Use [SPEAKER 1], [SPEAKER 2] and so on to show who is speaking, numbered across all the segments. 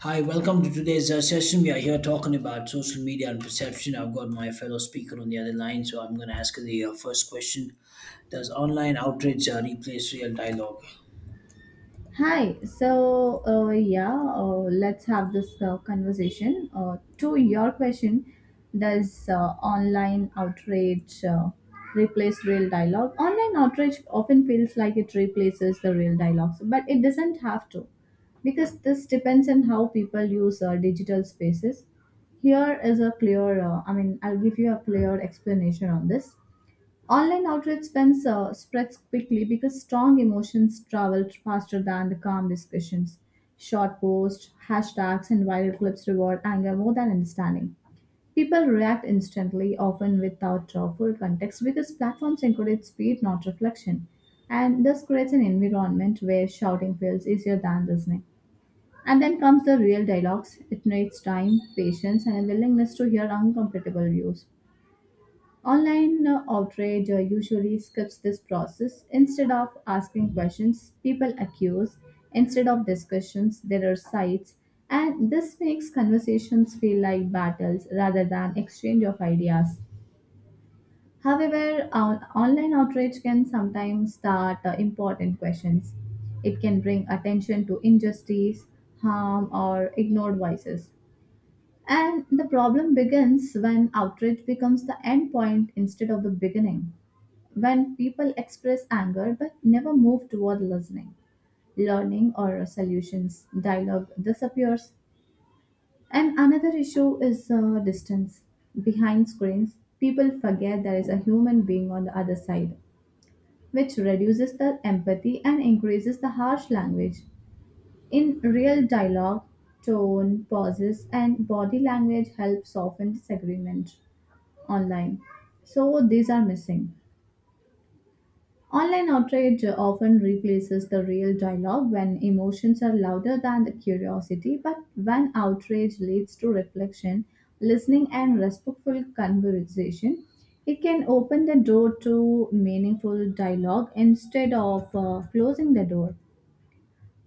[SPEAKER 1] Hi, welcome to today's session. We are here talking about social media and perception. I've got my fellow speaker on the other line, so I'm going to ask the first question. Does online outrage replace real dialogue?
[SPEAKER 2] Hi. Let's have this conversation. To your question, does online outrage replace real dialogue? Online outrage often feels like it replaces the real dialogue, but it doesn't have to, because this depends on how people use digital spaces. Here is a I'll give you a clear explanation on this. Online outrage spreads quickly because strong emotions travel faster than the calm discussions. Short posts, hashtags, and viral clips reward anger more than understanding. People react instantly, often without full context, because platforms encourage speed, not reflection. And this creates an environment where shouting feels easier than listening. And then comes the real dialogues. It needs time, patience, and a willingness to hear uncomfortable views. Online outrage usually skips this process. Instead of asking questions, people accuse. Instead of discussions, there are sites. And this makes conversations feel like battles rather than exchange of ideas. However, online outrage can sometimes start important questions. It can bring attention to injustice, harm, or ignored voices. And the problem begins when outrage becomes the end point instead of the beginning, when people express anger but never move toward listening, learning, or solutions, dialogue disappears. And another issue is distance. Behind screens, people forget there is a human being on the other side, which reduces the empathy and increases the harsh language. In real dialogue, tone, pauses, and body language help soften disagreement online. So, these are missing. Online outrage often replaces the real dialogue when emotions are louder than the curiosity, but when outrage leads to reflection, listening, and respectful conversation, it can open the door to meaningful dialogue instead of closing the door.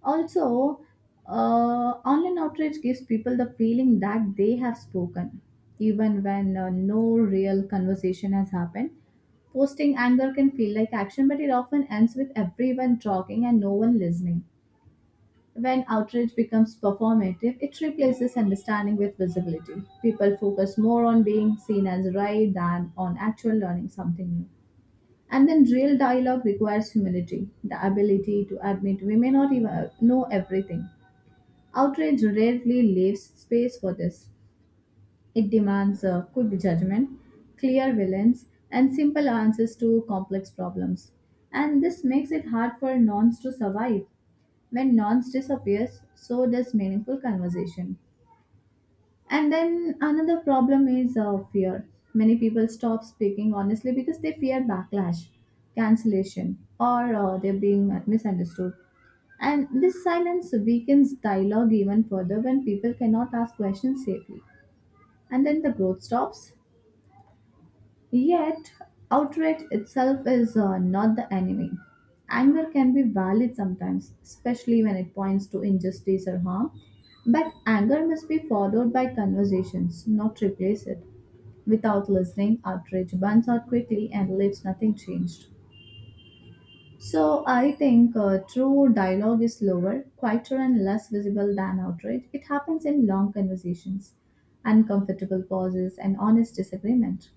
[SPEAKER 2] Also, uh, Online outrage gives people the feeling that they have spoken, even when no real conversation has happened. Posting anger can feel like action, but it often ends with everyone talking and no one listening. When outrage becomes performative, it replaces understanding with visibility. People focus more on being seen as right than on actual learning something new. And then real dialogue requires humility, the ability to admit we may not even know everything. Outrage rarely leaves space for this. It demands a quick judgment, clear villains, and simple answers to complex problems. And this makes it hard for nonce to survive. When nonce disappears, so does meaningful conversation. And then another problem is fear. Many people stop speaking honestly because they fear backlash, cancellation, or they're being misunderstood. And this silence weakens dialogue even further when people cannot ask questions safely. And then the growth stops. Yet, outrage itself is not the enemy. Anger can be valid sometimes, especially when it points to injustice or harm. But anger must be followed by conversations, not replace it. Without listening, outrage burns out quickly and leaves nothing changed. So I think true dialogue is slower, quieter, and less visible than outrage. It happens in long conversations, uncomfortable pauses, and honest disagreement.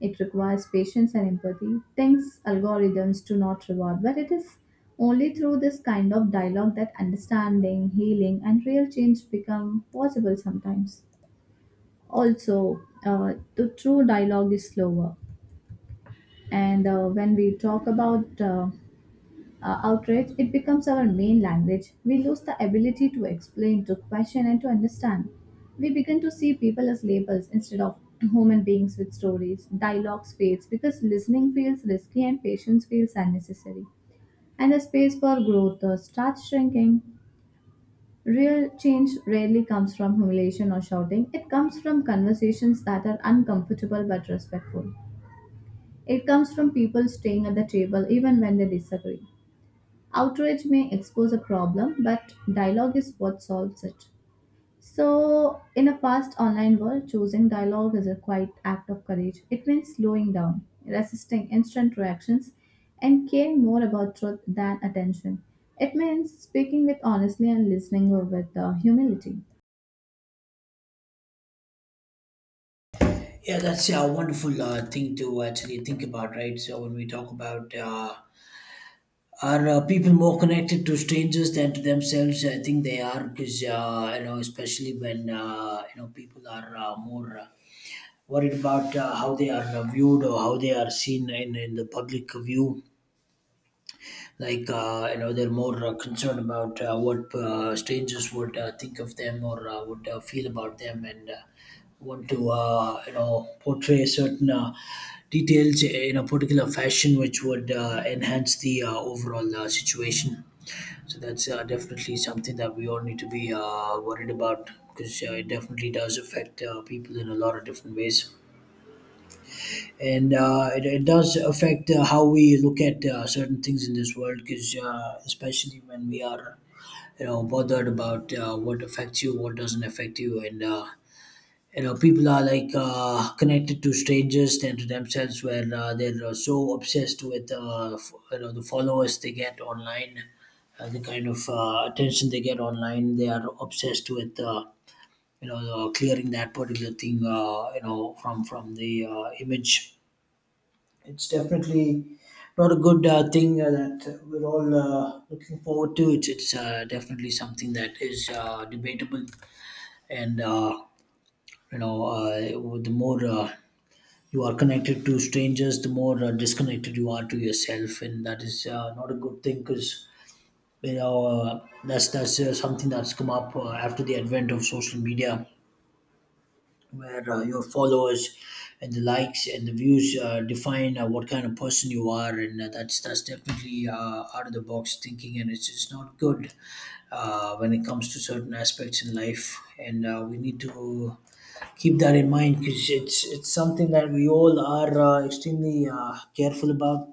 [SPEAKER 2] It requires patience and empathy, things algorithms do not reward, but it is only through this kind of dialogue that understanding, healing, and real change become possible sometimes. The true dialogue is slower. And when we talk about outrage, it becomes our main language. We lose the ability to explain, to question, and to understand. We begin to see people as labels instead of human beings with stories. Dialogues fades because listening feels risky and patience feels unnecessary. And the space for growth starts shrinking. Real change rarely comes from humiliation or shouting. It comes from conversations that are uncomfortable but respectful. It comes from people staying at the table even when they disagree. Outrage may expose a problem, but dialogue is what solves it. So, in a fast online world, choosing dialogue is a quiet act of courage. It means slowing down, resisting instant reactions, and caring more about truth than attention. It means speaking with honesty and listening with humility.
[SPEAKER 1] Yeah, that's a wonderful thing to actually think about, right? So when we talk about are people more connected to strangers than to themselves? I think they are because especially when people are more worried about how they are viewed, or how they are seen in the public view, like they're more concerned about what strangers would think of them, or would feel about them, and want to portray certain details in a particular fashion, which would enhance the overall situation. So that's definitely something that we all need to be worried about, because it definitely does affect people in a lot of different ways. And it does affect how we look at certain things in this world, because especially when we are, bothered about what affects you, what doesn't affect you. And people are like connected to strangers than to themselves, where they're so obsessed with the followers they get online, the kind of attention they get online. They are obsessed with clearing that particular thing, from the image. It's definitely not a good thing that we're all looking forward to. It's definitely something that is debatable. and uh, the more you are connected to strangers, the more disconnected you are to yourself, and that is not a good thing, because that's something that's come up after the advent of social media, where your followers and the likes and the views define what kind of person you are. And that's definitely out of the box thinking, and it's just not good when it comes to certain aspects in life. And we need to keep that in mind, because it's something that we all are extremely careful about.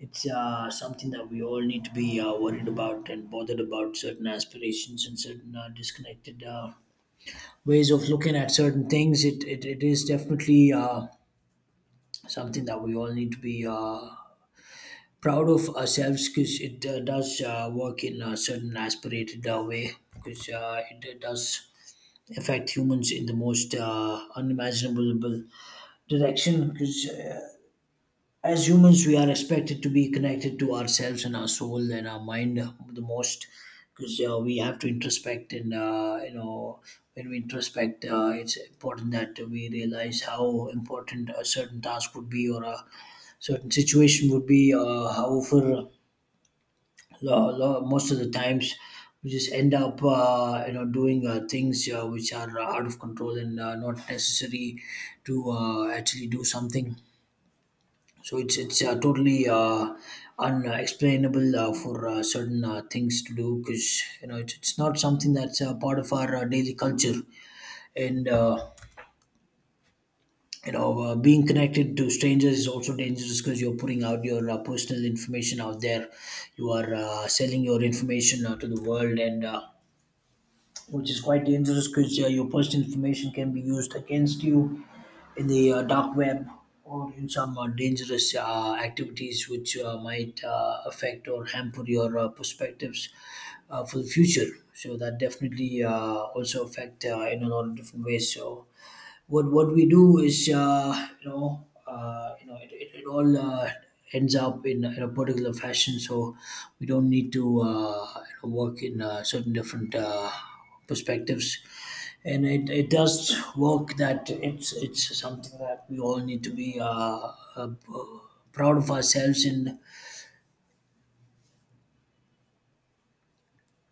[SPEAKER 1] It's something that we all need to be worried about, and bothered about certain aspirations and certain disconnected ways of looking at certain things. It is definitely something that we all need to be proud of ourselves, because it does work in a certain aspirated way, because it does affect humans in the most unimaginable direction because. As humans, we are expected to be connected to ourselves and our soul and our mind the most, because we have to introspect. And when we introspect, it's important that we realize how important a certain task would be, or a certain situation would be. However, most of the times, we just end up, doing things which are out of control, and not necessary to actually do something. So it's totally unexplainable for certain things to do, because it's not something that's part of our daily culture. And being connected to strangers is also dangerous, because you're putting out your personal information out there, you are selling your information to the world, and which is quite dangerous, because your personal information can be used against you in the dark web, or in some dangerous activities, which might affect or hamper your perspectives for the future. So that definitely also affect in a lot of different ways. So what we do is, it all ends up in a particular fashion. So we don't need to, work in certain different perspectives, and it does work. That it's something that we all need to be proud of ourselves, and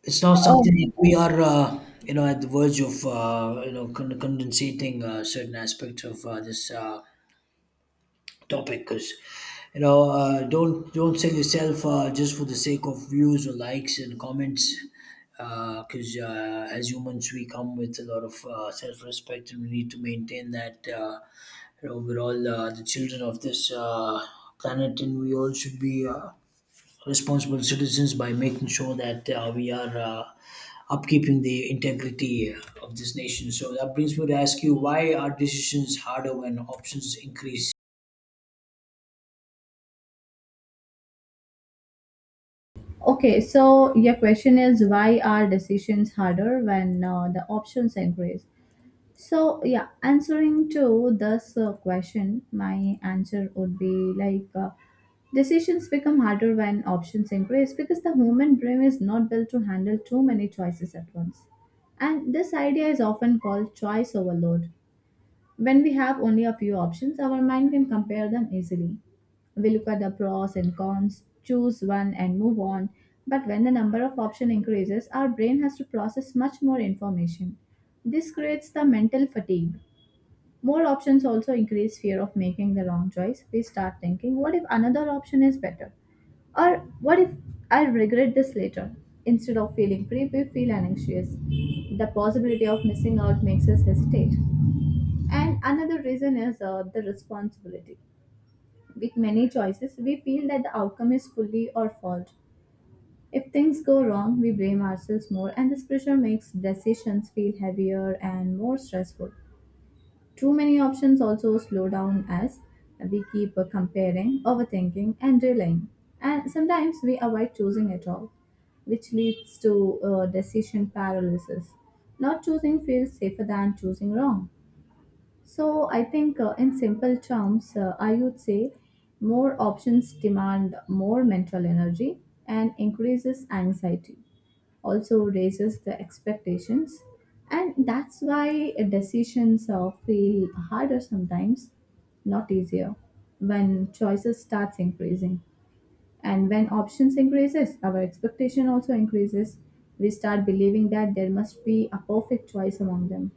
[SPEAKER 1] it's not something that we are at the verge of, condensating certain aspects of this topic. Because don't sell yourself just for the sake of views or likes and comments, because as humans we come with a lot of self-respect, and we need to maintain that. We're all the children of this planet, and we all should be responsible citizens by making sure that we are upkeeping the integrity of this nation. So that brings me to ask you, why are decisions harder when options increase?
[SPEAKER 2] Okay, so your question is why are decisions harder when the options increase? So, yeah, answering to this question, my answer would be like: decisions become harder when options increase because the human brain is not built to handle too many choices at once. And this idea is often called choice overload. When we have only a few options, our mind can compare them easily. We look at the pros and cons, choose one and move on. But when the number of options increases, our brain has to process much more information. This creates the mental fatigue. More options also increase fear of making the wrong choice. We start thinking, what if another option is better? Or what if I regret this later? Instead of feeling free, we feel anxious. The possibility of missing out makes us hesitate. And another reason is the responsibility. With many choices, we feel that the outcome is fully our fault. If things go wrong, we blame ourselves more, and this pressure makes decisions feel heavier and more stressful. Too many options also slow down us. We keep comparing, overthinking, and delaying. And sometimes we avoid choosing at all, which leads to decision paralysis. Not choosing feels safer than choosing wrong. So I think, in simple terms, I would say more options demand more mental energy and increases anxiety, also raises the expectations, and that's why decisions feel harder sometimes, not easier, when choices starts increasing. And when options increases, our expectation also increases. We start believing that there must be a perfect choice among them.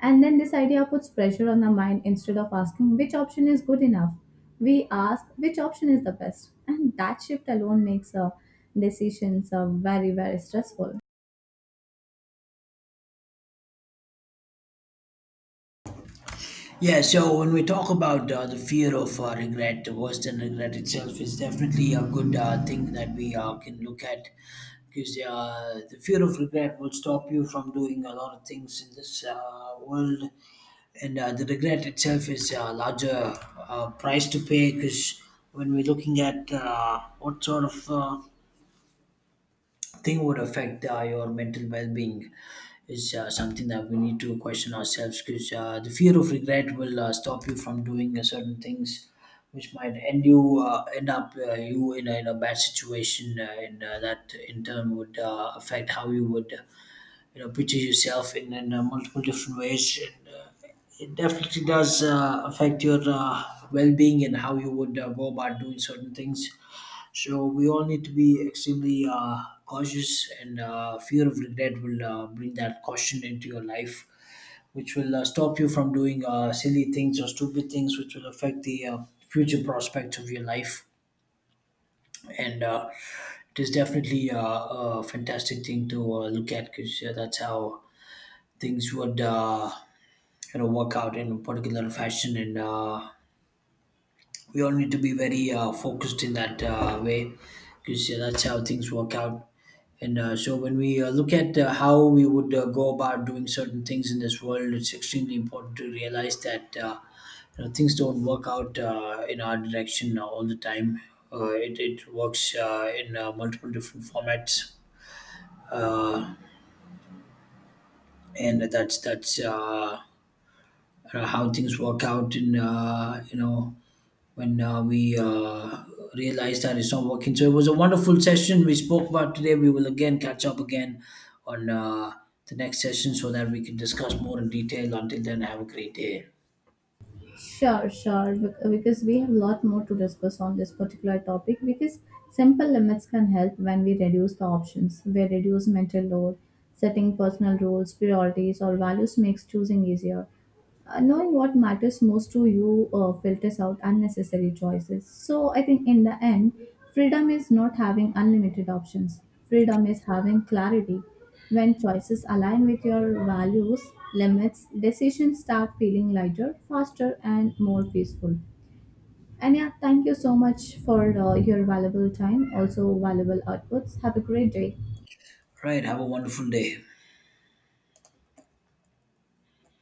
[SPEAKER 2] And then this idea puts pressure on the mind instead of asking which option is good enough. We ask which option is the best. And that shift alone makes decisions very, very stressful.
[SPEAKER 1] Yeah, so when we talk about the fear of regret, worse than regret itself, is definitely a good thing that we can look at, because the fear of regret will stop you from doing a lot of things in this world. And the regret itself is a larger price to pay, because when we're looking at what sort of thing would affect your mental well-being is something that we need to question ourselves, because the fear of regret will stop you from doing certain things which might end up you in a bad situation. Uh, and that in turn would affect how you would, picture yourself in multiple different ways. And it definitely does affect your well-being, and how you would go about doing certain things. So we all need to be extremely cautious, and fear of regret will bring that caution into your life, which will stop you from doing silly things or stupid things, which will affect the future prospects of your life. And it is definitely a fantastic thing to look at, because that's how things would, work out in a particular fashion. And we all need to be very focused in that way, because yeah, that's how things work out. And so when we look at how we would go about doing certain things in this world, it's extremely important to realize that, things don't work out in our direction all the time. It works in multiple different formats, uh, and that's how things work out. And when we realized that it's not working. So it was a wonderful session we spoke about today. We will again catch up again on the next session, so that we can discuss more in detail. Until then, have a great day.
[SPEAKER 2] Sure, sure. Because we have a lot more to discuss on this particular topic. Because simple limits can help when we reduce the options. We reduce mental load, setting personal rules, priorities, or values makes choosing easier. Knowing what matters most to you filters out unnecessary choices. So I think in the end, freedom is not having unlimited options. Freedom is having clarity. When choices align with your values, limits, decisions start feeling lighter, faster, and more peaceful. And yeah, thank you so much for your valuable time, also valuable outputs. Have a great day.
[SPEAKER 1] Right, have a wonderful day.